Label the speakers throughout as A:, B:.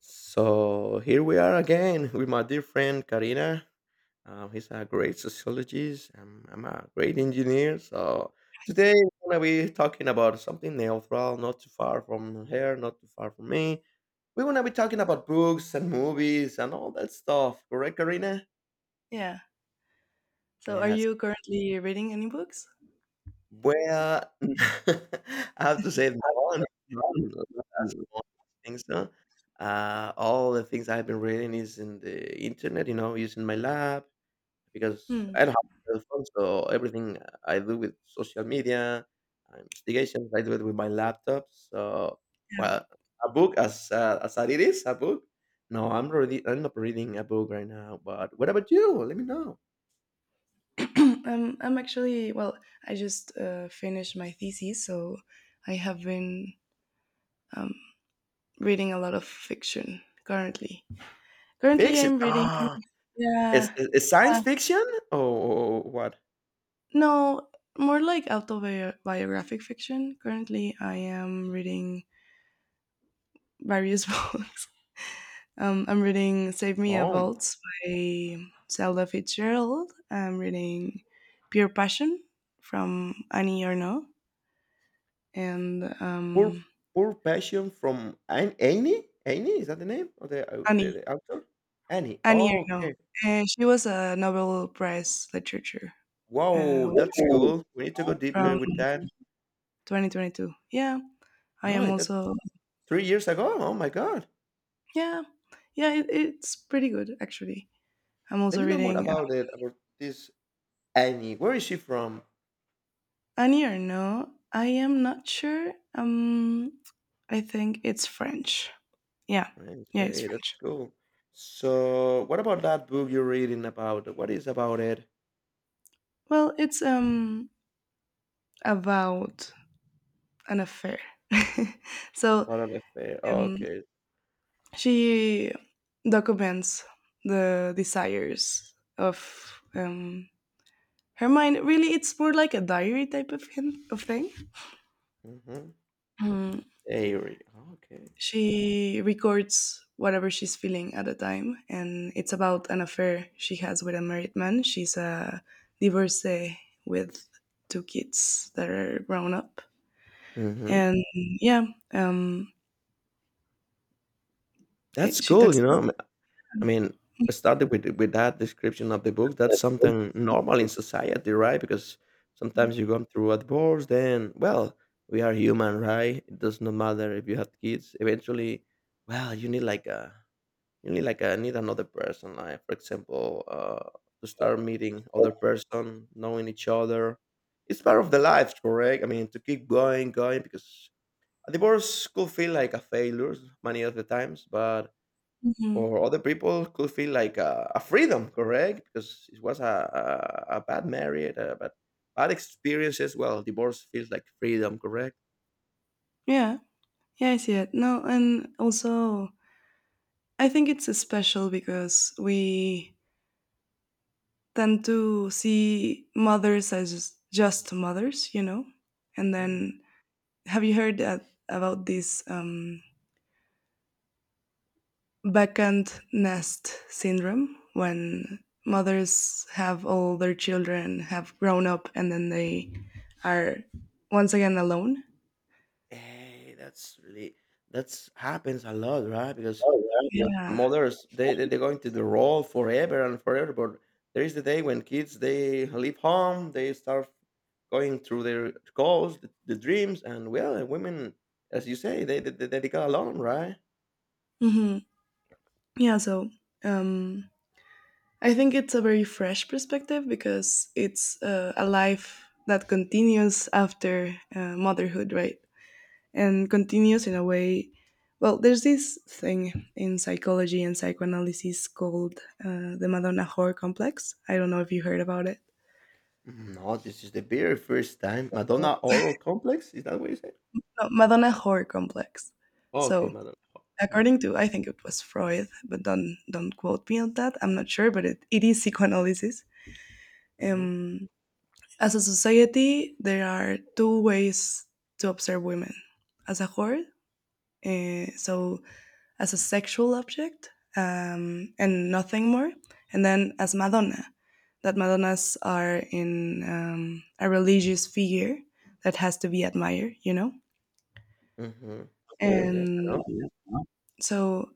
A: So here we are again with my dear friend Karina. He's a great sociologist. I'm a great engineer. So today we're gonna be talking about something neutral, not too far from her, not too far from me. We're gonna be talking about books and movies and all that stuff. Correct, Karina?
B: Yeah. So are
A: Yes.
B: you currently reading any books?
A: Well, I have to say no, no, no, no, that's not- I think so. All the things I've been reading is in the internet, using my lab because
B: Hmm.
A: I don't have a cell phone, so everything I do with social media, investigations, I do it with my laptop. So, well, a book as it is a book. No, I'm not reading a book right now. But what about you? Let me know.
B: am I'm actually, well, I just finished my thesis, so I have been um, reading a lot of fiction currently. Currently,
A: Fiction.
B: I'm reading,
A: Ah, is,
B: yeah,
A: is is science
B: uh,
A: fiction or what?
B: no, more like autobiographic fiction. Currently, I am reading various books. I'm reading Save Me a
A: Oh,
B: Waltz by Zelda Fitzgerald. I'm reading Pure Passion from Annie Ernaux. And
A: poor poor passion from Annie. Annie is that the name of the the,
B: Annie,
A: the author? Annie.
B: Annie
A: Oh,
B: Ernaux.
A: okay.
B: And she was a Nobel Prize literature uh,
A: Wow, that's cool. We need to go deeper
B: from
A: with that.
B: 2022. Yeah, I am
A: Oh, that's
B: also,
A: 3 years ago? Oh my god.
B: yeah, yeah, it's pretty good actually. I'm
A: Let
B: also
A: me know more
B: reading
A: about it, about this Annie. Where is she from?
B: Annie Ernaux. I am not sure. I think it's French. Yeah,
A: France.
B: yeah, it's
A: Hey,
B: French.
A: that's cool. So, what about that book you're reading about? What is about it?
B: Well, it's about an affair. So
A: About an affair.
B: um,
A: Okay.
B: she documents the desires of her mind. Really, it's more like a diary type of thing.
A: Mm-hmm.
B: Mm.
A: Diary. Okay.
B: She records whatever she's feeling at the time, and it's about an affair she has with a married man. She's a divorcee with two kids that are grown up.
A: Mm-hmm.
B: And yeah, um,
A: That's
B: she
A: cool,
B: talks
A: you
B: about
A: know.
B: that.
A: I mean, started with that description of the book. That's something normal in society, right? Because sometimes you go through a divorce, then well, we are human, right? It does not matter if you have kids. Eventually, well, you need like a need another person, like for example, to start meeting other person, knowing each other. It's part of the life, correct? I mean, to keep going, going because a divorce could feel like a failure many of the times, but
B: Mhm.
A: for other people could feel like a freedom, correct? Because it was a bad marriage, a bad, bad experiences. Well, divorce feels like freedom, correct?
B: Yeah, yeah, I see it. No, and also I think it's special because we tend to see mothers, as just mothers. And
A: Mm.
B: then, have you heard that, about this vacant nest syndrome when mothers have all their children have grown up and then they are once again alone?
A: Hey, that's really that's happens a lot, right? Because
B: Yeah.
A: mothers they go into the role forever and forever but there is the day when kids they leave home they start going through their goals the dreams and well women as you say they got alone, right.
B: Mhm. Yeah, so um, I think it's a very fresh perspective because it's a life that continues after motherhood, right? And continues in a way. Well, there's this thing in psychology and psychoanalysis called the Madonna Whore complex. I don't know if you heard about it.
A: No, this is the very first time.
B: Oh.
A: Madonna horror complex, is that what you say?
B: No, Madonna Whore complex.
A: Oh, okay.
B: So,
A: Madonna. Hmm.
B: according to, I think it was Freud, but don't quote me on that. I'm not sure, but it is psychoanalysis.
A: Hmm.
B: Um, As a society, there are two ways to observe women as a whore, so as a sexual object and nothing more, and then as Madonna, that Madonnas are in a religious figure that has to be admired,
A: Hmm. Yeah, yes, I
B: and
A: know.
B: so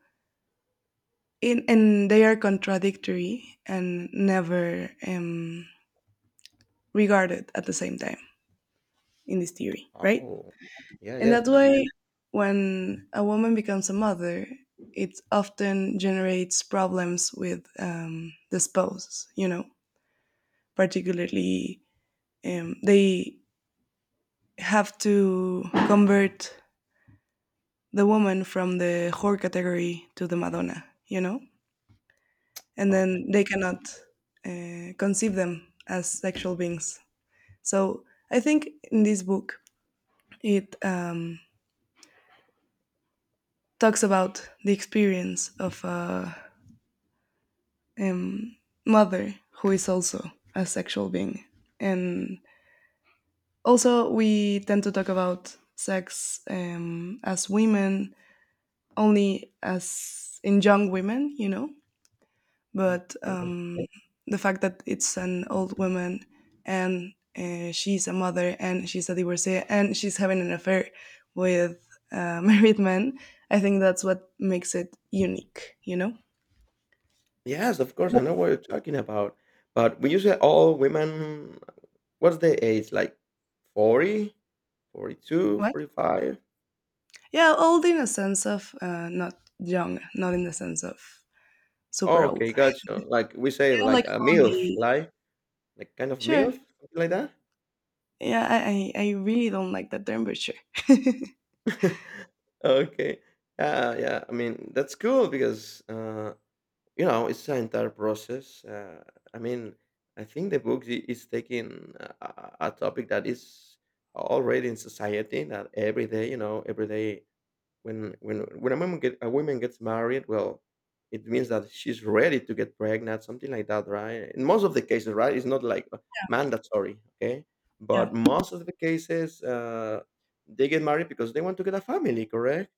B: and they are contradictory and never regarded at the same time in this theory, right?
A: Oh. Yeah,
B: In
A: yes,
B: that
A: I know.
B: way, when a woman becomes a mother, it often generates problems with the spouse, particularly they have to convert the woman from the whore category to the Madonna, and
A: Oh.
B: then they cannot conceive them as sexual beings. So I think in this book, it talks about the experience of a um, mother who is also a sexual being, and also we tend to talk about sex as women only as in young women, but
A: Mhm.
B: the fact that it's an old woman and she's a mother and she's a divorcee and she's having an affair with a married man, I think that's what makes it unique.
A: Yes, of course, I know what you're talking about. But when you say all women, what's the age? Like 40 42,
B: What?
A: 45.
B: Yeah, old in a sense of not young, not in the sense of
A: Oh,
B: super old.
A: okay, gotcha. Like we say,
B: Yeah,
A: like
B: like
A: a MILF,
B: 40.
A: like kind of
B: Sure.
A: MILF, something like that.
B: Yeah, I really don't like that term, but sure. Yeah.
A: Okay. Yeah, yeah. I mean, that's cool because you know, it's an entire process. I mean, I think the book is taking a topic that is already in society that every day, you know, every day when when a woman get a woman gets married, well, it means that she's ready to get pregnant, something like that, right? In most of the cases, right, it's not like mandatory, okay? But most of the cases, they get married because they want to get a family, correct?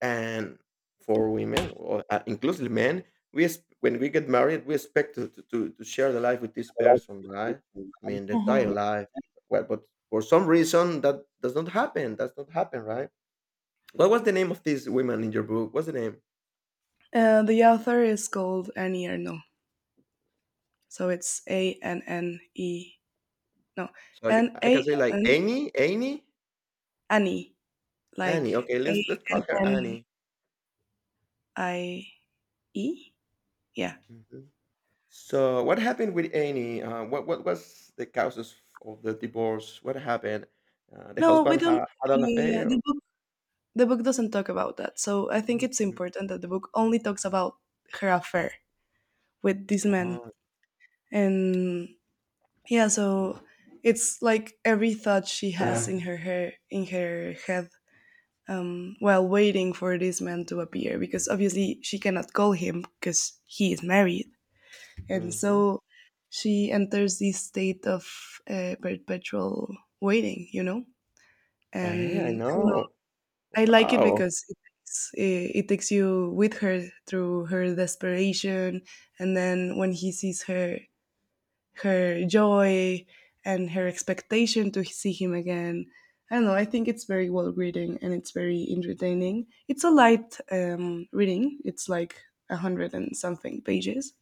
A: And for women, or inclusive men, when we get married, we expect to share the life with this person, right? I mean, the entire
B: Mhm.
A: life. Well, but for some reason, that does not happen. That's not happen, right? What was the name of these women in your book? What's the name?
B: The author is called Annie Ernaux. So it's ANNE. No,
A: So you,
B: N
A: I can
B: A
A: say like
B: N
A: Annie,
B: Annie.
A: Annie.
B: Like
A: Okay,
B: A
A: let's call
B: N
A: her
B: N
A: Annie.
B: I E? Yeah.
A: Mhm. So what happened with Annie? What was the causes of the divorce? What happened? The
B: No, we
A: husband
B: don't.
A: had an affair.
B: The book doesn't talk about that. So I think it's
A: Mhm.
B: important that the book only talks about her affair with this man.
A: Ah,
B: And yeah, so it's like every thought she has in her head, while waiting for this man to appear, because obviously she cannot call him because he is married. And
A: hmm.
B: so she enters this state of perpetual waiting, you know?
A: Hey, I
B: And I don't
A: know.
B: I like it
A: Wow.
B: because it takes you with her through her desperation, and then when he sees her, her joy and her expectation to see him again. I don't know. I think it's very well written and it's very entertaining. It's a light reading. It's like a hundred and something pages.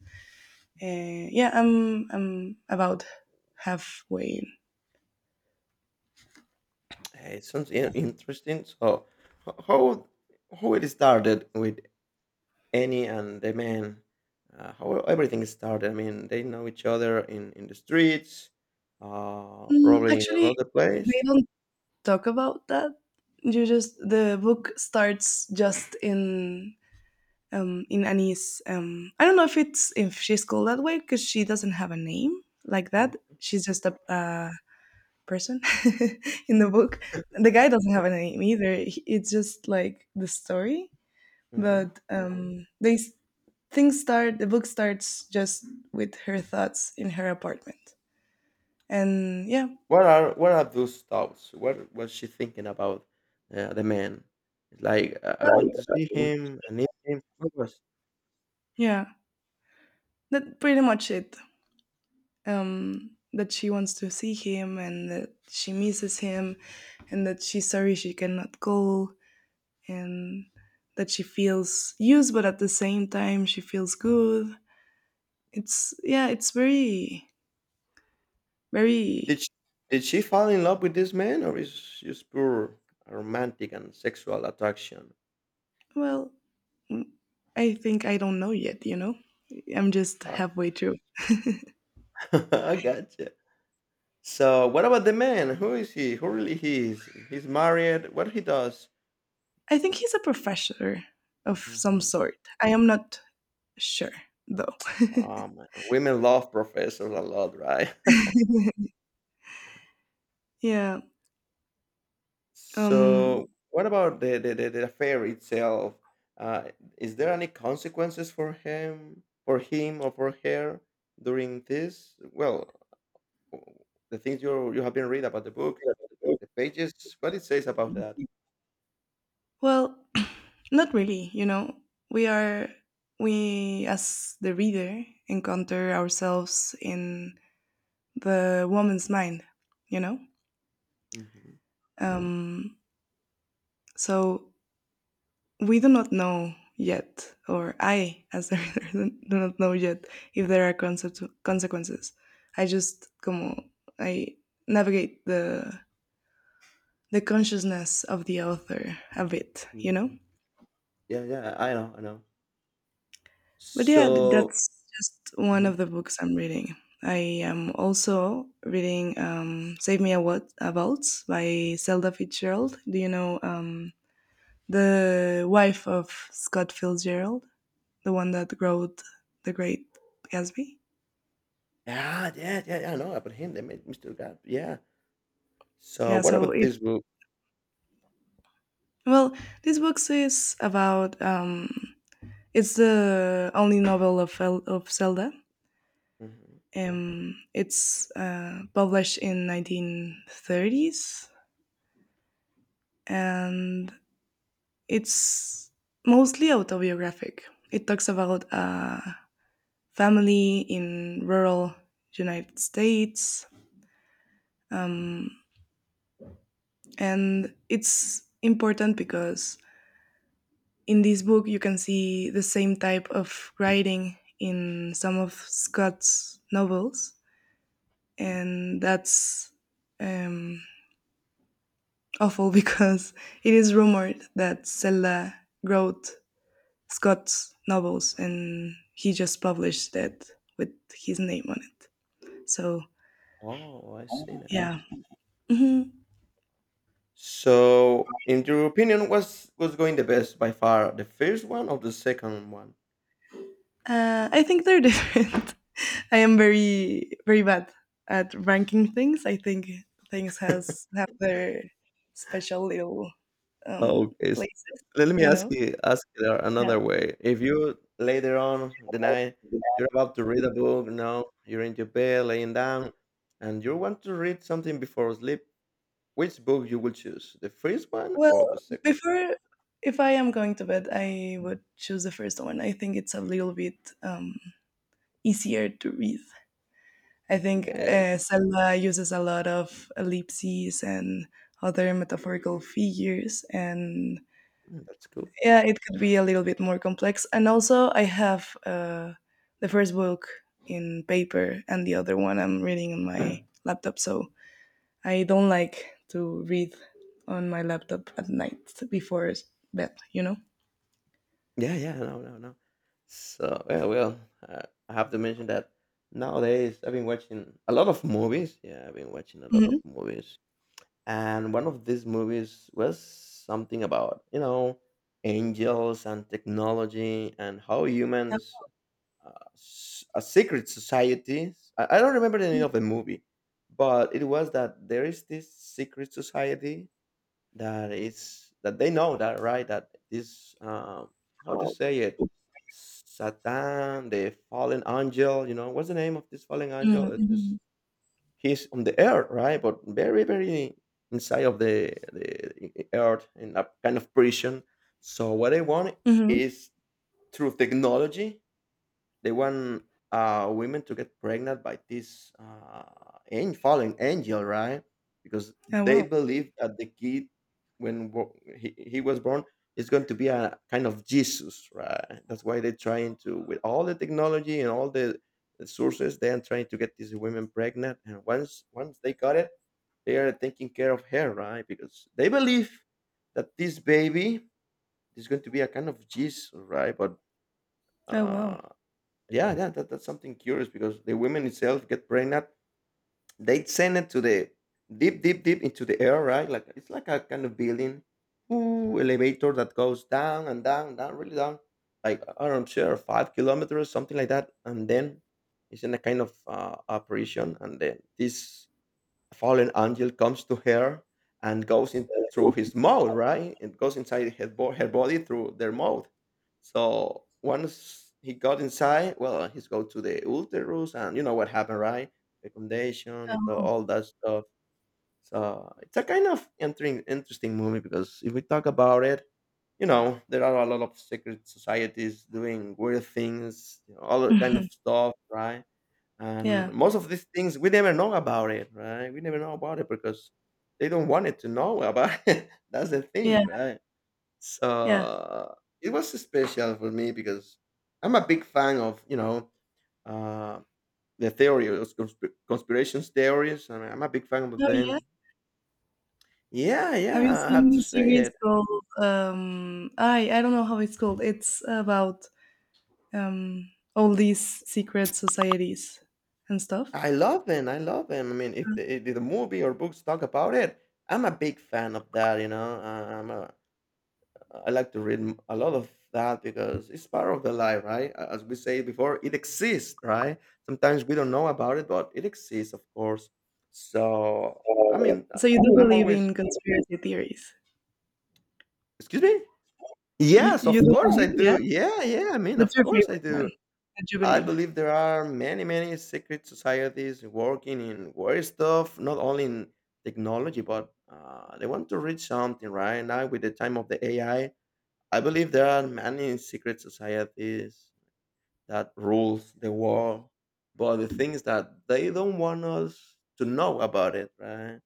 B: Yeah, I'm about halfway in.
A: Hey, it sounds interesting. So, h- how how it started with Annie and the man, how everything started. I mean, they know each other in the streets, probably in
B: Actually,
A: another
B: they
A: place.
B: don't talk about that. You just The book starts just in Annie's. I don't know if it's if she's called that way, because she doesn't have a name like that.
A: Mm-hmm.
B: She's just a person in the book. The guy doesn't have a name either. It's just like the story.
A: Mm-hmm.
B: But things start. The book starts just with her thoughts in her apartment, and yeah,
A: What are those thoughts? What was she thinking about the man? Like I want
B: well.
A: to see
B: Right.
A: him. I need him. What was?
B: Yeah, that's pretty much it. That she wants to see him and that she misses him and that she's sorry she cannot go and that she feels used but at the same time she feels good. It's, yeah, it's very
A: Did she,
B: very
A: did she fall in love with this man, or is just pure romantic and sexual attraction?
B: well. mm, I think I don't know yet. I'm just
A: Uh,
B: halfway through.
A: I gotcha. So, what about the man? Who is he? Who really he is? He's married. What he does?
B: I think he's a professor of some
A: Hmm.
B: sort. I am not sure though.
A: Oh man, women love professors a lot, right?
B: Yeah. um
A: So, what about the affair itself? Uh, is there any consequences for him, or for her during this? Well, the things you have been read about the book, the pages, what it says about that.
B: Well, not really. We are we as the reader encounter ourselves in the woman's mind, you know?
A: Mhm.
B: Um so we do not know yet, or I as the reader do not know yet if there are concept consequences. I just como I navigate the consciousness of the author a bit, you know?
A: Mhm. Yeah, yeah, I know, I know.
B: But yeah,
A: So,
B: that's just one
A: mhm.
B: of the books I'm reading. I am also reading "Save Me a What a Waltz" by Zelda Fitzgerald. Do you know the wife of Scott Fitzgerald, the one that wrote *The Great Gatsby*?
A: Yeah, yeah, yeah, yeah, I know about him. They made Mr. God. Yeah. So,
B: Yeah.
A: what
B: So
A: about
B: it
A: this book?
B: well, this book is about, it's the only novel of of Zelda.
A: Mhm.
B: It's published in 1930s, and it's mostly autobiographic. It talks about a family in rural United States, um, and it's important because in this book you can see the same type of writing in some of Scott's novels, and that's um, awful because it is rumored that Zelda wrote Scott's novels, and he just published that with his name on it. So,
A: Oh, I see now.
B: yeah. Mhm.
A: So, in your opinion, what's was going the best by far, the first one or the second one?
B: I think they're different. I am very very bad at ranking things. I think things has have their special little
A: Okay,
B: places,
A: let me
B: you
A: ask
B: know.
A: you there
B: Yeah.
A: another way. If you later on the night you're about to read a book, you're in your bed laying down, and you want to read something before sleep, which book you will choose? The first one or the
B: Well,
A: second?
B: before if I am going to bed, I would choose the first one. I think it's a little bit easier to read. I think
A: Yeah,
B: Zelda uses a lot of ellipses and other metaphorical figures, and
A: mm, that's cool.
B: yeah, it could be a little bit more complex. And also, I have the first book in paper and the other one I'm reading on my laptop, so I don't like to read on my laptop at night before bed, you know?
A: Yeah, yeah, no, no, no. So yeah, well, uh, I have to mention that nowadays I've been watching a lot of movies. Yeah, I've been watching a lot of
B: Hmm.
A: movies. And one of these movies was something about, you know, angels and technology and how humans, a secret society. I don't remember the name of the movie, but it was that there is this secret society that is that they know that, right, that this, um, how to say it, Satan, the fallen angel. You know what's the name of this fallen angel. It is
B: Mm-hmm.
A: he's on the earth, right? But very, very inside of the earth in a kind of prison. So what I want
B: Hmm.
A: is, through technology they want women to get pregnant by this fallen angel, right? Because
B: Oh,
A: they
B: wow.
A: believe that the kid, when he was born, is going to be a kind of Jesus, right? That's why they're trying to, with all the technology and all the sources, they are trying to get these women pregnant. And once they got it, they are taking care of her, right? Because they believe that this baby is going to be a kind of Jesus, right? But
B: Oh, wow.
A: uh, yeah, that's something curious because the women itself get pregnant. They send it to the deep, deep, deep into the air, right? Like it's like a kind of building, ooh, elevator that goes down and down, down, really down, like I don't sure 5 kilometers, something like that, and then it's in a kind of apparition, and then this a fallen angel comes to her and goes in through his mouth, right? It goes inside her, her body through their mouth. So once he got inside, well, he's go to the uterus, and you know what happened, right? Fecundation, it all that stuff. So it's a kind of entering interesting movie because if we talk about it, you know, there are a lot of secret societies doing weird things, you know, all that kind of
B: Mhm.
A: stuff, right? And
B: Yeah.
A: most of these things we never know about it, right. We never know about it because they don't want it to know about it. That's the
B: Yeah.
A: thing, right?
B: Yeah.
A: So it was special for me because I'm a big fan of, you know, uh, the theory of conspirations theories. I mean, I'm a big fan of
B: Oh, yeah.
A: them. Yeah,
B: Have you
A: yeah, I have
B: seen
A: to
B: the
A: say
B: series
A: it.
B: called, I don't know how it's called. It's about um all these secret societies and stuff.
A: I love them, I love them. I mean, if the movie or books talk about it, I'm a big fan of that, you know. I like to read a lot of that because it's part of the life, right? As we say before, it exists, right? Sometimes we don't know about it, but it exists, of course. So, I mean,
B: So you do
A: I'm
B: believe
A: always,
B: in conspiracy theories?
A: excuse me?
B: You,
A: Yes,
B: you
A: of
B: do
A: course I
B: believe, yeah?
A: do. Yeah, yeah, I mean,
B: What's
A: of
B: your
A: course I
B: favorite one
A: do.
B: that you
A: I
B: believe?
A: believe there are many, many secret societies working in weird stuff, not only in technology, but they want to reach something, right? Now, with the time of the AI, I believe there are many secret societies that rules the world, but the thing is that they don't want us to know about it, right?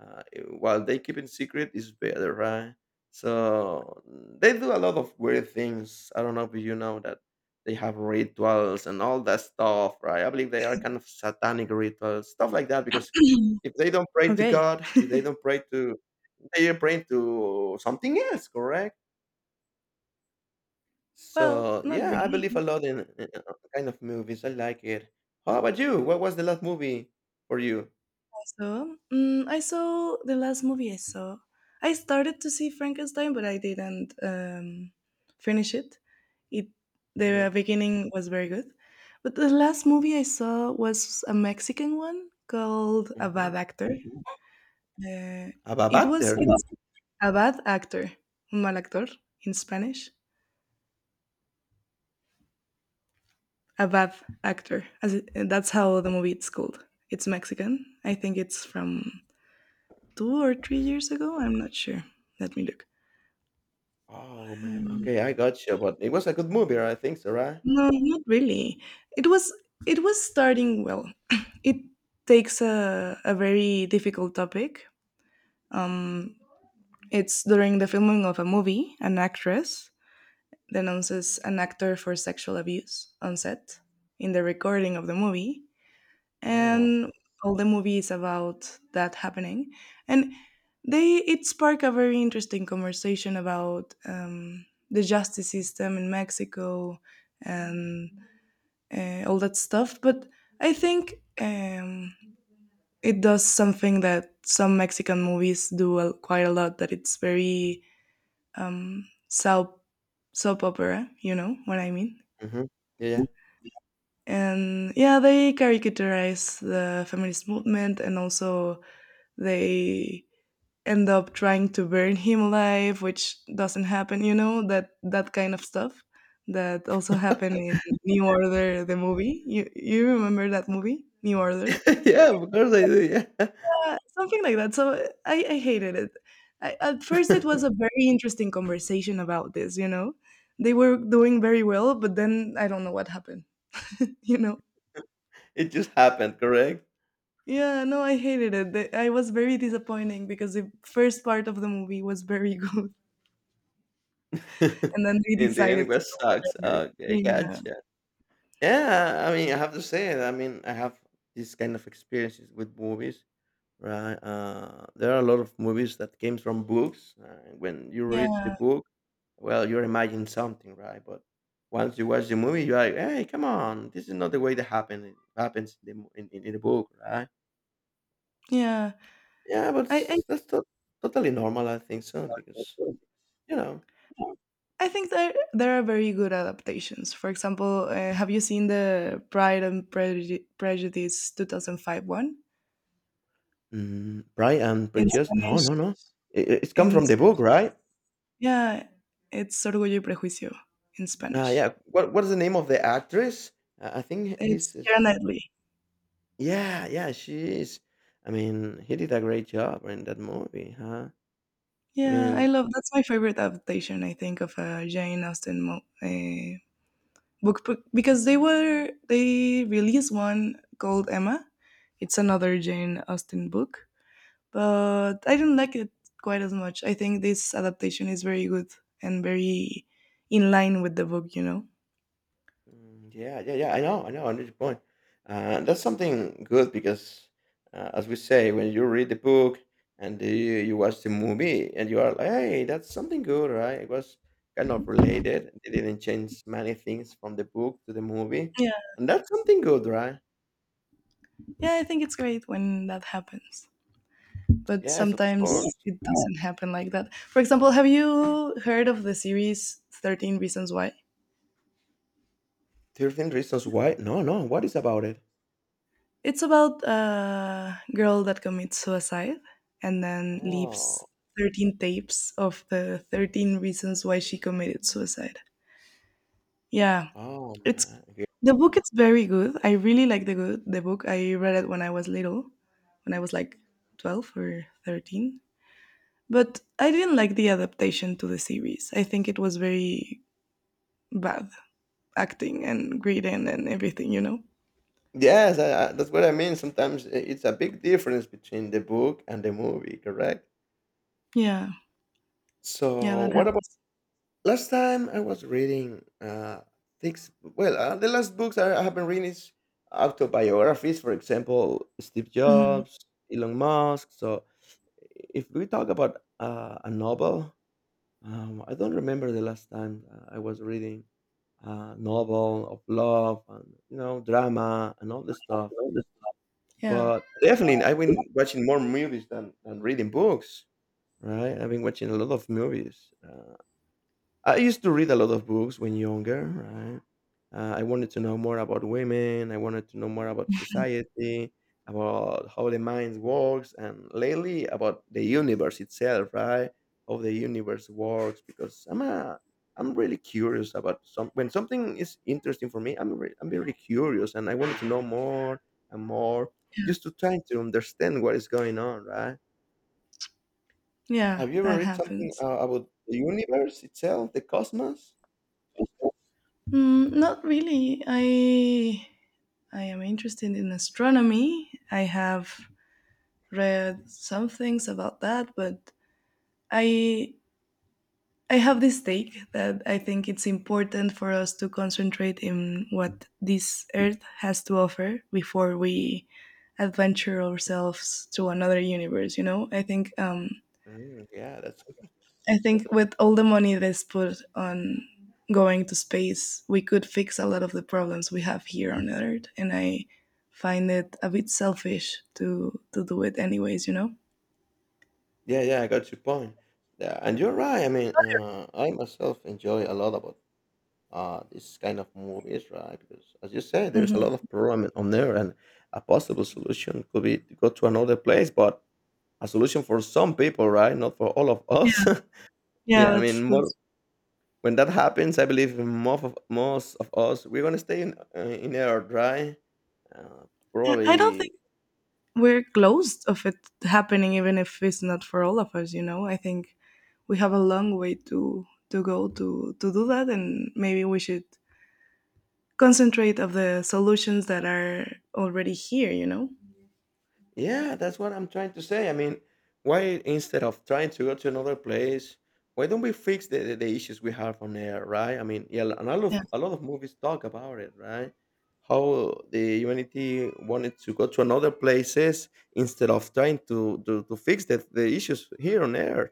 A: Uh, while they keep it secret is better, right? So they do a lot of weird things. I don't know if you know that they have rituals and all that stuff, right? I believe they are kind of satanic rituals, stuff like that, because if they don't pray to
B: Okay.
A: God, if they don't pray to, they are praying to something else, correct?
B: Well,
A: So,
B: not
A: yeah, I
B: really.
A: believe a lot in kind of movies. I like it. How about you? What was the last movie for you?
B: So, I saw the last movie I saw. I started to see Frankenstein, but I didn't finish it. It the
A: Hmm.
B: beginning was very good, but the last movie I saw was a Mexican one called A
A: Hmm.
B: Bad Actor. Uh,
A: About
B: it was
A: Butter.
B: it's a bad actor, un mal actor in Spanish. A bad actor, that's how the movie it's called. It's Mexican. I think it's from 2 or 3 years ago. I'm not sure. Let me look.
A: Oh man.
B: Um,
A: Okay, I got you. But it was a good movie, right? I think so, right?
B: no, not really. It was it was starting well. It takes a very difficult topic. Um, it's during the filming of a movie, an actress denounces an actor for sexual abuse on set in the recording of the movie,
A: Oh.
B: and all the movie is about that happening. And they it sparked a very interesting conversation about the justice system in Mexico, and all that stuff. But I think um, it does something that some Mexican movies do quite a lot. That it's very um, soap soap opera. You know what I mean?
A: Hmm. Yeah.
B: And yeah, they caricaturize the feminist movement, and also they end up trying to burn him alive, which doesn't happen. You know that that kind of stuff that also happened in New Order, the movie. You remember that movie, New Order?
A: Yeah, yeah, of course I do. Yeah.
B: Yeah, something like that. So I hated it. At first, it was a very interesting conversation about this, you know? They were doing very well, but then I don't know what happened, you know?
A: It just happened, correct?
B: Yeah, no, I hated it. I was very disappointing because the first part of the movie was very good, and then they
A: In the end, it
B: decided to
A: was
B: go
A: sucks.
B: whatever.
A: Okay,
B: Yeah,
A: gotcha. Yeah, I mean, I have to say it. I mean, I have these kind of experiences with movies. Right, there are a lot of movies that came from books, and when you read the
B: yeah,
A: book, well, you're imagining something, right? But once you watch the movie, you're like, "Hey, come on! This is not the way that happened. It happens in the mo- in the book, right?"
B: yeah.
A: Yeah, but
B: I, I,
A: totally normal, I think so, because you know,
B: I think there are very good adaptations. For example, have you seen the Pride and Prejudice 2005 one?
A: mm, Pride and
B: In
A: Prejudice. No,
B: Spanish
A: no, no. It's come
B: in
A: from the book,
B: Spanish
A: right?
B: yeah, it's Orgullo y Prejuicio in Spanish.
A: Yeah. What is the name of the actress? I think
B: It's
A: his
B: Keira
A: is.
B: Knightley.
A: Yeah, yeah, she is. I mean, he did a great job in that movie, huh? I
B: Yeah, I
A: mean,
B: love that's my favorite adaptation, I think, of a Jane Austen book, because they released one called Emma. It's another Jane Austen book, but I didn't like it quite as much. I think this adaptation is very good and very in line with the book, you know?
A: mm, yeah, yeah, yeah. I know, I know. I know your point. That's something good because, as we say, when you read the book and the, you watch the movie, and you are like, "Hey, that's something good, right?" It was kind of related. They didn't change many things from the book to the movie,
B: Yeah.
A: and that's something good, right?
B: Yeah, I think it's great when that happens. But
A: Yes, of
B: sometimes,
A: course.
B: yeah, it doesn't happen like that. For example, have you heard of the series 13 Reasons Why?
A: 13 Reasons Why? No, no. What is about it?
B: It's about a girl that commits suicide and then leaves
A: Oh,
B: 13 tapes of the 13 reasons why she committed suicide. Yeah,
A: oh
B: it's
A: man.
B: the book is very good. I really like the book. I read it when I was little, when I was like 12 or 13. But I didn't like the adaptation to the series. I think it was very bad acting and greeting and everything, you know?
A: Yes, that's what I mean. Sometimes it's a big difference between the book and the movie, correct?
B: Yeah, yeah,
A: So,
B: that
A: what about
B: happens.
A: last time I was reading things? Well, the last books I have been reading is autobiographies, for example, Steve
B: Mhm.
A: Jobs, Elon Musk. So, if we talk about a novel, I don't remember the last time I was reading a novel of love and you know drama and all this stuff.
B: Yeah,
A: But definitely, I've been watching more movies than reading books, right? I've been watching a lot of movies. I used to read a lot of books when younger, right? I wanted to know more about women. I wanted to know more about society, about how the mind works, and lately about the universe itself, right? How the universe works, because I'm really curious about some. When something is interesting for me, I'm really curious, and I wanted to know more and more, just to try to understand what is going on, right?
B: yeah,
A: Have you ever
B: that
A: read something
B: happens.
A: about the universe itself, the cosmos?
B: Mm, not really. I am interested in astronomy. I have read some things about that, but I I have this take that I think it's important for us to concentrate in what this earth has to offer before we adventure ourselves to another universe. You know, I think
A: Mm, yeah, that's cool.
B: with all the money that's put on going to space, we could fix a lot of the problems we have here on Earth, and I find it a bit selfish to do it anyways. You know.
A: Yeah, yeah, I got your point. Yeah, and you're right. I mean, I myself enjoy a lot about this kind of movies, right? Because as you said, there's a lot
B: Hmm.
A: of problem on there, and a possible solution could be to go to another place, but a solution for some people, right? Not for all of
B: Yeah,
A: us.
B: yeah,
A: Yeah, I
B: that's,
A: mean, more,
B: that's.
A: when that happens, I believe most of us we're gonna stay in Earth, right? Uh,
B: I don't
A: probably.
B: think we're close of it happening, even if it's not for all of us, you know. I think we have a long way to go to do that, and maybe we should concentrate of the solutions that are already here, you know.
A: Yeah, that's what I'm trying to say. I mean, why instead of trying to go to another place, why don't we fix the issues we have on air, right? I mean, yeah, and
B: Yeah,
A: a lot of movies talk about it, right? How the humanity wanted to go to another places instead of trying to fix the issues here on Earth.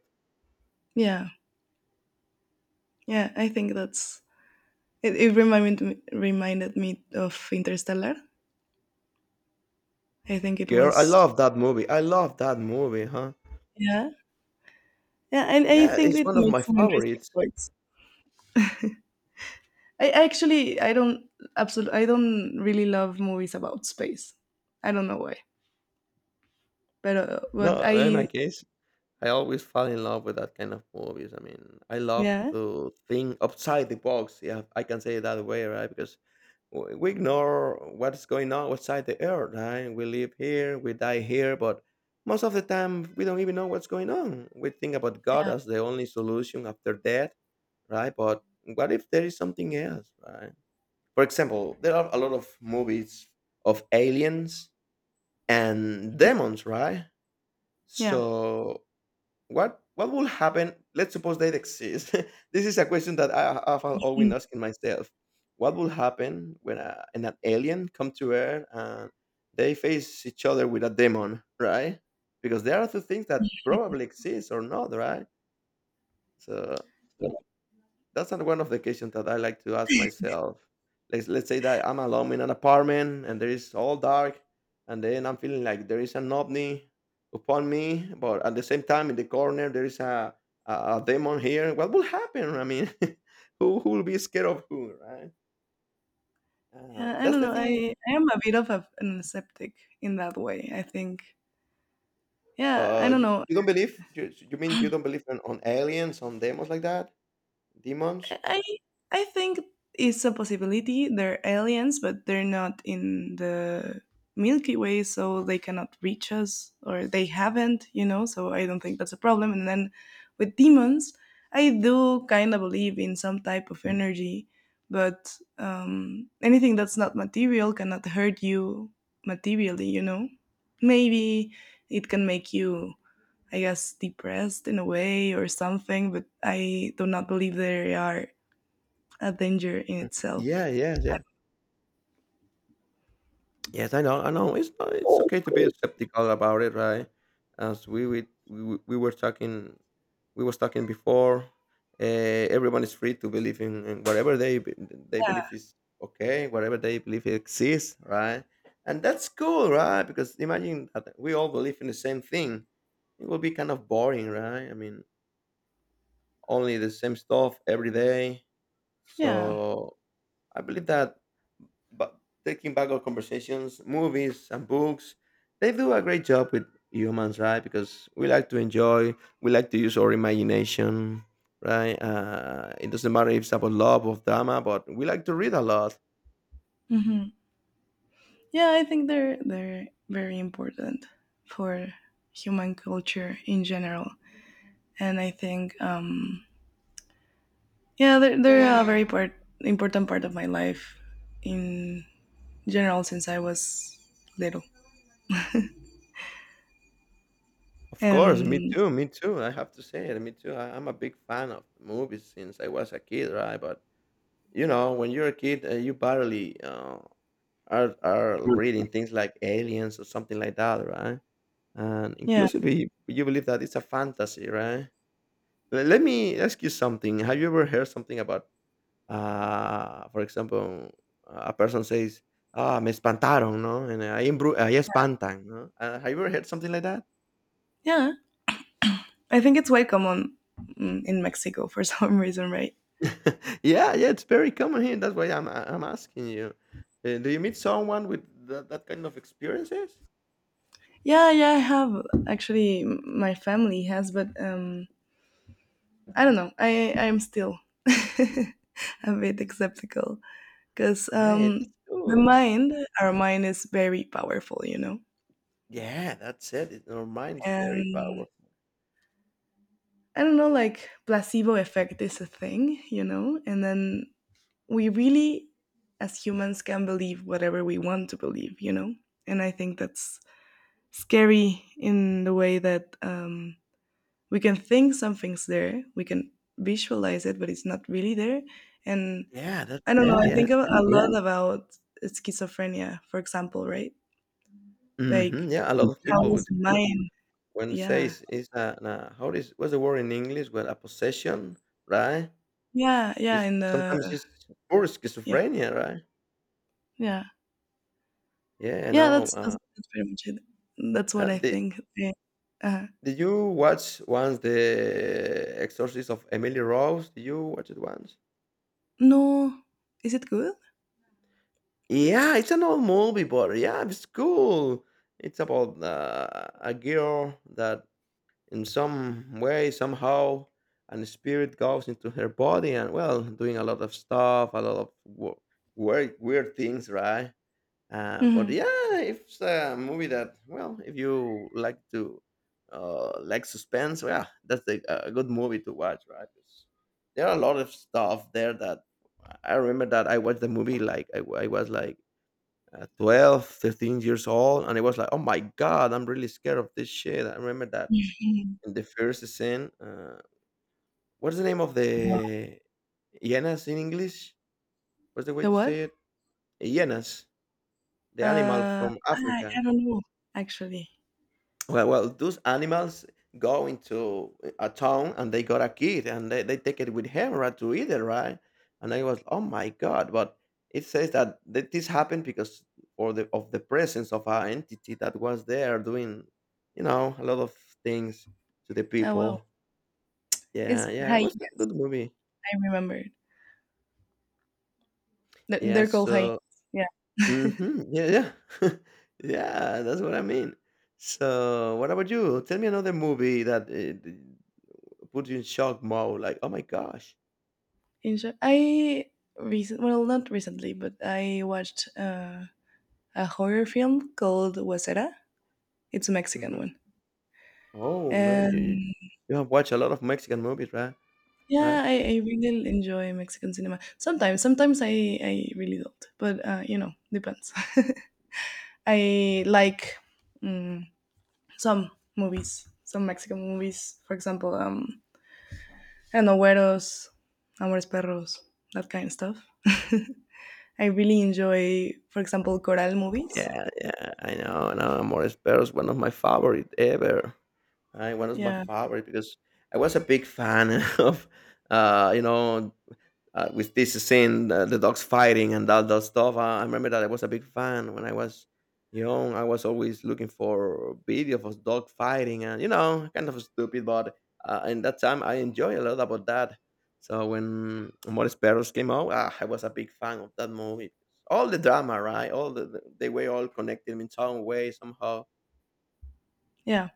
B: yeah, yeah, I think that's it. It reminded me of Interstellar. I think it
A: Girl, I
B: was.
A: love that movie. I love that movie, huh?
B: Yeah, yeah, and I
A: Yeah,
B: think
A: it's
B: it
A: one of my
B: makes some interesting
A: favorites.
B: points. I I actually i don't absolutely i don't really love movies about space. I don't know why. But
A: No, in my
B: I,
A: case. I always fall in love with that kind of movies. I mean, I love
B: yeah,
A: to think outside the box. Yeah, I can say it that way, right? Because we ignore what's going on outside the earth, right? We live here, we die here, but most of the time we don't even know what's going on. We think about God as the only solution after death, right? But what if there is something else, right? For example, there are a lot of movies of aliens and demons, right?
B: yeah.
A: So what will happen? Let's suppose they exist. This is a question that I have always
B: Mm.
A: asking myself. What will happen when an alien come to Earth and they face each other with a demon, right? Because there are two things that probably exist or not, right? So that's an one of the questions that I like to ask myself. Let's say that I'm alone in an apartment and there is all dark, and then I'm feeling like there is an ovni upon me, but at the same time in the corner there is a demon here. What will happen? I mean, who will be scared of who, right?
B: Yeah, I
A: That's
B: don't
A: the
B: know.
A: thing.
B: I am a bit of an aseptic in that way. I think. Yeah,
A: So
B: I don't
A: you,
B: know.
A: you don't believe? You mean you don't believe on aliens, on demons like that? Demons?
B: I I think it's a possibility. They're aliens, but they're not in the Milky Way, so they cannot reach us, or they haven't, you know. So I don't think that's a problem. And then with demons, I do kind of believe in some type of energy, but anything that's not material cannot hurt you materially, you know. Maybe it can make you, I guess, depressed in a way or something, but I do not believe they are a danger in
A: Mhm.
B: itself.
A: Yeah, yeah, yeah. Yes, I know, I know. It's not, it's okay to be
B: Mm-hmm.
A: skeptical about it, right? As we were talking, we was talking before. Everyone is free to believe in whatever they believe is okay, whatever they believe exists, right? And that's cool, right? Because imagine that we all believe in the same thing. It will be kind of boring, right? I mean, only the same stuff every day.
B: Yeah.
A: So I believe that but taking back our conversations, movies and books, they do a great job with humans, right? Because we like to enjoy, we like to use our imagination, right? It doesn't matter if it's about love or drama, but we like to read a lot.
B: Hmm. Yeah, I think they're very important for human culture in general, and I think yeah, they're a very part important part of my life in general since I was little,
A: Of course, me
B: and
A: too, me too. I have to say it, me too. I'm a big fan of movies since I was a kid, right? But you know, when you're a kid, you barely are reading things like Aliens or something like that, right? And
B: yeah,
A: inclusively, you believe that it's a fantasy, right? Let me ask you something. Have you ever heard something about, for example, a person says, "Ah, me espantaron," no, and I I espantan, no. Have you ever heard something like that?
B: yeah, I think it's quite common in Mexico for some reason, right?
A: Yeah, yeah, it's very common here. That's why I'm asking you. Do you meet someone with that kind of experiences?
B: Yeah, yeah, I have actually. My family has, but I don't know. I'm still a bit skeptical because
A: Yeah, it is
B: the
A: cool.
B: mind, our mind is very powerful, you know,
A: Yeah, that's it. It our mind is very
B: and
A: powerful.
B: I don't know, like placebo effect is a thing, you know, and then we really, as humans, can believe whatever we want to believe, you know, and I think that's scary in the way that we can think something's there, we can visualize it, but it's not really there, and
A: Yeah, that's
B: I don't know.
A: it.
B: I
A: Yeah.
B: think a lot about schizophrenia, for example, right?
A: Hmm.
B: Like
A: Yeah, a lot of
B: how
A: people
B: was
A: would.
B: mine?
A: When
B: Yeah,
A: says is a an a how is what's the word in English? Well, a possession, right?
B: yeah, yeah.
A: It's
B: In
A: sometimes
B: the.
A: it's pure
B: Yeah,
A: schizophrenia, right?
B: yeah,
A: Yeah, I
B: yeah.
A: know.
B: That's that's that's pretty much it. That's
A: Uh,
B: what I
A: did
B: think. Yeah. Uh,
A: did you watch once The Exorcist of Emily Rose? Did you watch it once?
B: no, is it good?
A: Yeah, it's an old movie, but yeah, it's cool. It's about a girl that in some way somehow and the spirit goes into her body and well doing a lot of stuff a lot of weird, weird things, right? But
B: Hmm.
A: yeah, it's a movie that, well, if you like to like suspense, yeah, that's a good movie to watch, right? 'Cause there are a lot of stuff there that I remember that I watched the movie like I was like 12 13 years old and it was like oh my god I'm really scared of this shit I remember that in the first scene, what's the name of the hyenas in English? What's the way
B: The
A: to
B: what?
A: say it? Hyenas, the animal from
B: I
A: Africa.
B: don't know actually.
A: Well, well, those animals go into a town and they got a kid and they take it with him right to eat it, right? And I was, oh my god! But it says that, that this happened because or the of the presence of an entity that was there doing, you know, a lot of things to the
B: Oh wow,
A: people. Yeah,
B: it's
A: yeah, it was a
B: hyena.
A: good movie.
B: I remembered. They're
A: Yeah,
B: they're called hyenas.
A: so.
B: Yeah.
A: Mhm. Yeah, yeah. Yeah, that's what I mean. So, what about you? Tell me another movie that put you in shock mode, like, oh my gosh.
B: In short, I recent well, not recently, but I watched a horror film called Wasera. It's a Mexican
A: Hmm.
B: one,
A: Oh man, you
B: and
A: you have watched a lot of Mexican movies, right? Right?
B: yeah, I really enjoy Mexican cinema. Sometimes I really don't, but you know, depends. I like mm, some movies, some Mexican movies. For example, I don't know, Güeros, Amores Perros, that kind of stuff. I really enjoy, for example, choral movies.
A: Yeah, yeah. I know. I Now, Amor Perros, one of my favorite ever. Right? One of my
B: Yeah,
A: favorite because I was a big fan of, uh, you know, with this scene, the dogs fighting and all that stuff. I remember that I was a big fan when I was young. I was always looking for video of dog fighting, and kind of stupid, but in that time I enjoy a lot about that. So when Amores Perros came out, I was a big fan of that movie. All the drama, right? All they were all connected in some way somehow.
B: yeah,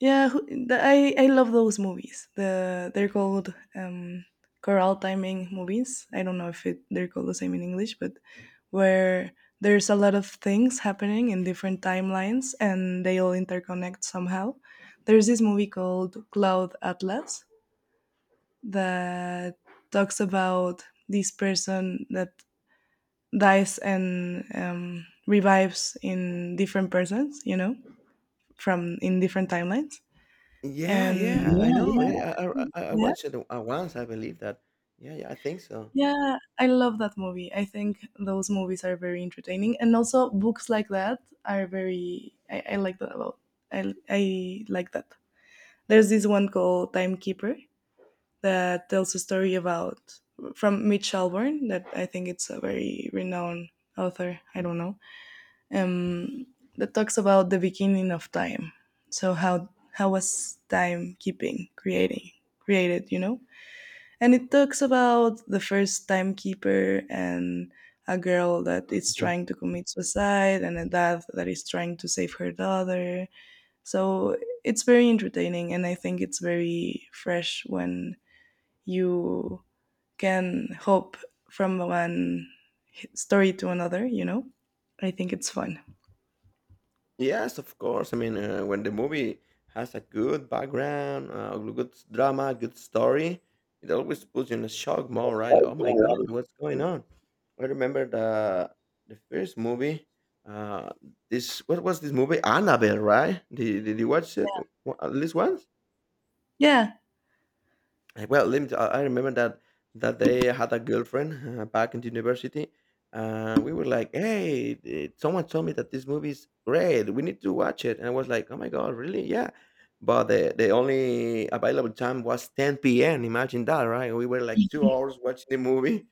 B: yeah. I love those movies. They're called choral timing movies. I don't know if they're called the same in English, but where there's a lot of things happening in different timelines and they all interconnect somehow. There's this movie called Cloud Atlas that talks about this person that dies and revives in different persons, you know, from in different timelines
A: Yeah,
B: and.
A: yeah, I know. Yeah, I
B: Yeah,
A: watched it once, I believe that. Yeah, yeah, I think so.
B: yeah, I love that movie. I think those movies are very entertaining, and also books like that are very. I like that a lot. I like that. There's this one called Timekeeper that tells a story about from Mitch Albom that I think it's a very renowned author. I don't know. Um, that talks about the beginning of time. So how was timekeeping creating created? You know. And it talks about the first timekeeper and a girl that is trying to commit suicide and a dad that is trying to save her daughter. So it's very entertaining, and I think it's very fresh when you can hop from one story to another, you know? I think it's fun.
A: Yes, of course. I mean, when the movie has a good background, good drama, good story, it always puts you in a shock mode, right? Like, oh my God, what's going on? I remember the first movie. Uh, this what was this movie? Annabelle, right? Did you watch it at least once?
B: Yeah.
A: Well, let me. T- I remember that that day I had a girlfriend back in the university. We were like, "Hey, someone told me that this movie is great. We need to watch it." And I was like, "Oh my God, really? Yeah." But the only available time was 10 p.m. Imagine that, right? We were like 2 hours watching the movie.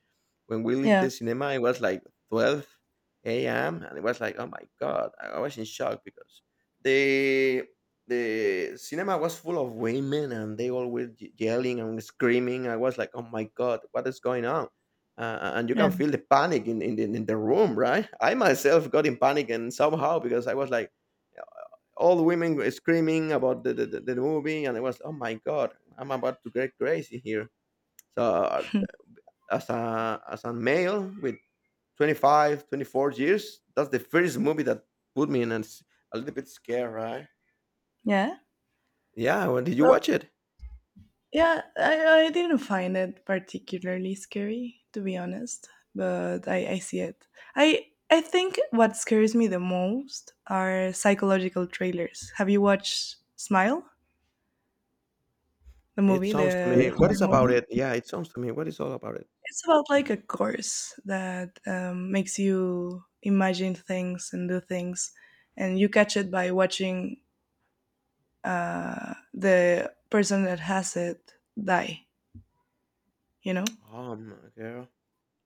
A: When we left the
B: Yeah.
A: cinema, it was like 12 a.m. and it was like, "Oh my God!" I was in shock because the the cinema was full of women and they all were yelling and screaming. I was like, oh my God, what is going on? And you
B: Yeah.
A: can feel the panic in the room, right? I myself got in panic and somehow because I was like, all the women were screaming about the movie and I was, oh my God, I'm about to get crazy here. So as as a male with 25, 24 years, that's the first movie that put me in a little bit scared, right?
B: Yeah.
A: Yeah, when did you
B: Well.
A: watch it?
B: Yeah, I didn't find it particularly scary, to be honest, but I see it. I think what scares me the most are psychological trailers. Have you watched Smile, the
A: It
B: movie,
A: sounds to me
B: the
A: what
B: horror
A: is about
B: movie?
A: it? Yeah, it sounds to me what is all about it?
B: It's about like a course that makes you imagine things and do things, and you catch it by watching the person that has it die, you know?
A: Oh my girl,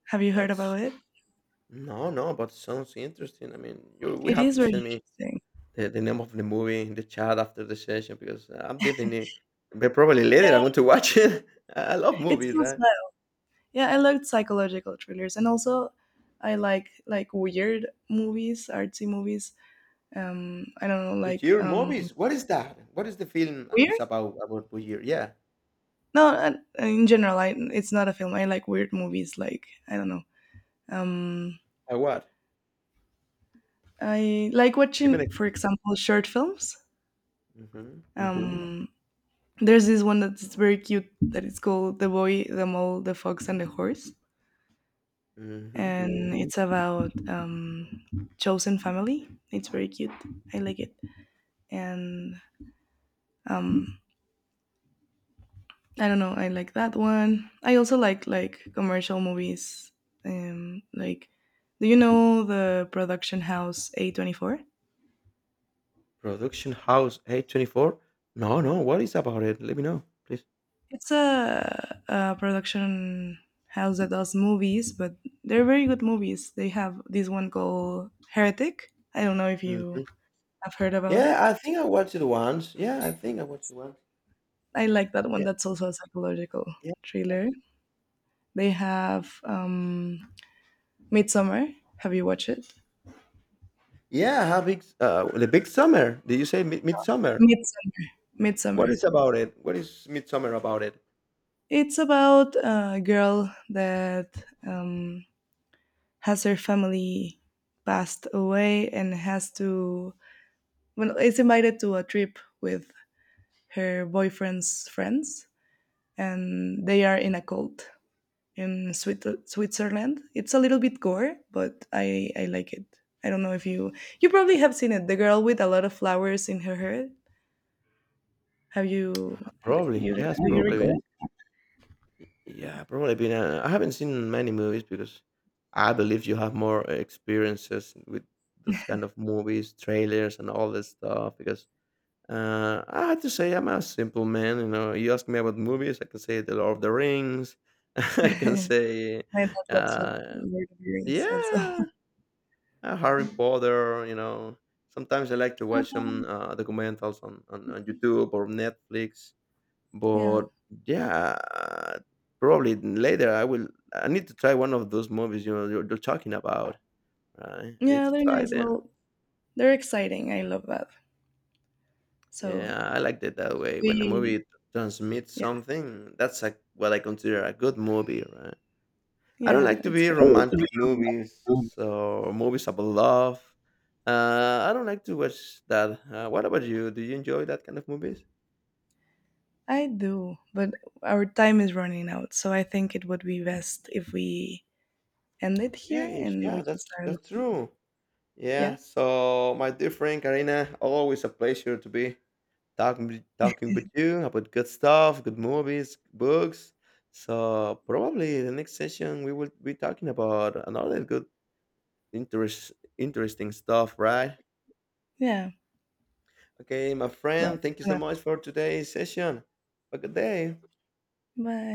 B: Have you heard
A: that's
B: about it?
A: no, no, but it sounds interesting. I mean, you will
B: It
A: have
B: is
A: to
B: very
A: send me
B: interesting.
A: the name of the movie in the chat after the session because I'm definitely but probably later I
B: Yeah,
A: am going to watch it. I love
B: it
A: movies,
B: sounds
A: right?
B: well. Yeah, I loved psychological thrillers, and also I like weird movies, artsy movies. I don't know, like
A: Bujir movies. What is that? What is the film is
B: weird.
A: about Bujir? Yeah.
B: No, in general, it's not a film. I like weird movies. Like I don't know. Um,
A: What?
B: I like
A: Give me an
B: watching, for example, short films.
A: hmm
B: Um, there's this one that's very cute that is called "The Boy, the Mole, the Fox, and the Horse,"
A: hmm
B: and it's about chosen family. It's very cute. I like it. And um, I don't know. I like that one. I also like commercial movies. Like, do you know the production house A 24?
A: Production House A24? No, no. What is about it? Let me know, please.
B: It's a production house that does movies, but they're very good movies. They have this one called Heretic. I don't know if you
A: Mm-hmm.
B: have heard about
A: Yeah,
B: it.
A: I think I watched it once. Yeah, I think I watched it once.
B: I like that one.
A: Yeah,
B: That's also a psychological
A: yeah, yeah.
B: thriller. They have Midsummer. Have you watched it?
A: Yeah, how big? The big summer. Did you say midsummer?
B: Midsummer.
A: What
B: Midsummer.
A: is about it? What is midsummer about it?
B: It's about a girl that um, has her family passed away and has to well, is invited to a trip with her boyfriend's friends, and they are in a cult in Switzerland. It's a little bit gore, but I like it. I don't know if you probably have seen it. The girl with a lot of flowers in her hair. Have you do
A: Probably,
B: you, do
A: yes,
B: you
A: probably.
B: recall?
A: Yeah, probably been. I haven't seen many movies because I believe you have more experiences with this kind of movies, trailers, and all this stuff. Because I have to say, I'm a simple man. You know, you ask me about movies, I can say The Lord of the Rings. I can say
B: My dad loves the
A: uh,
B: Lord of the Rings also.
A: Yeah, Harry Potter. You know, sometimes I like to watch some documentals on YouTube or Netflix.
B: Yeah.
A: But yeah, probably later I will. I need to try one of those movies. You're talking about. Right, I need
B: Yeah,
A: to
B: they're
A: try
B: nice.
A: them.
B: Well, they're exciting. I love that. So
A: Yeah, I like it that way. When a
B: we
A: movie transmits
B: yeah,
A: something, that's what I consider a good movie, right? I don't
B: yeah,
A: like to
B: it's
A: be
B: good. Oh, it's
A: romantic
B: available.
A: movies
B: Um,
A: or movies about love. I don't like to watch that. What about you? Do you enjoy that kind of movies?
B: I do, but our time is running out, so I think it would be best if we end it here
A: Yeah,
B: and
A: yeah,
B: we can
A: that's
B: start.
A: that's
B: Ano-
A: true. Yeah.
B: Yeah.
A: So, my dear friend Karina, always a pleasure to be talking with you about good stuff, good movies, books. So probably the next session we will be talking about another good interest interesting stuff, right?
B: Yeah.
A: Okay, my
B: Well,
A: friend, thank you so much for today's session. Have a good day.
B: Bye.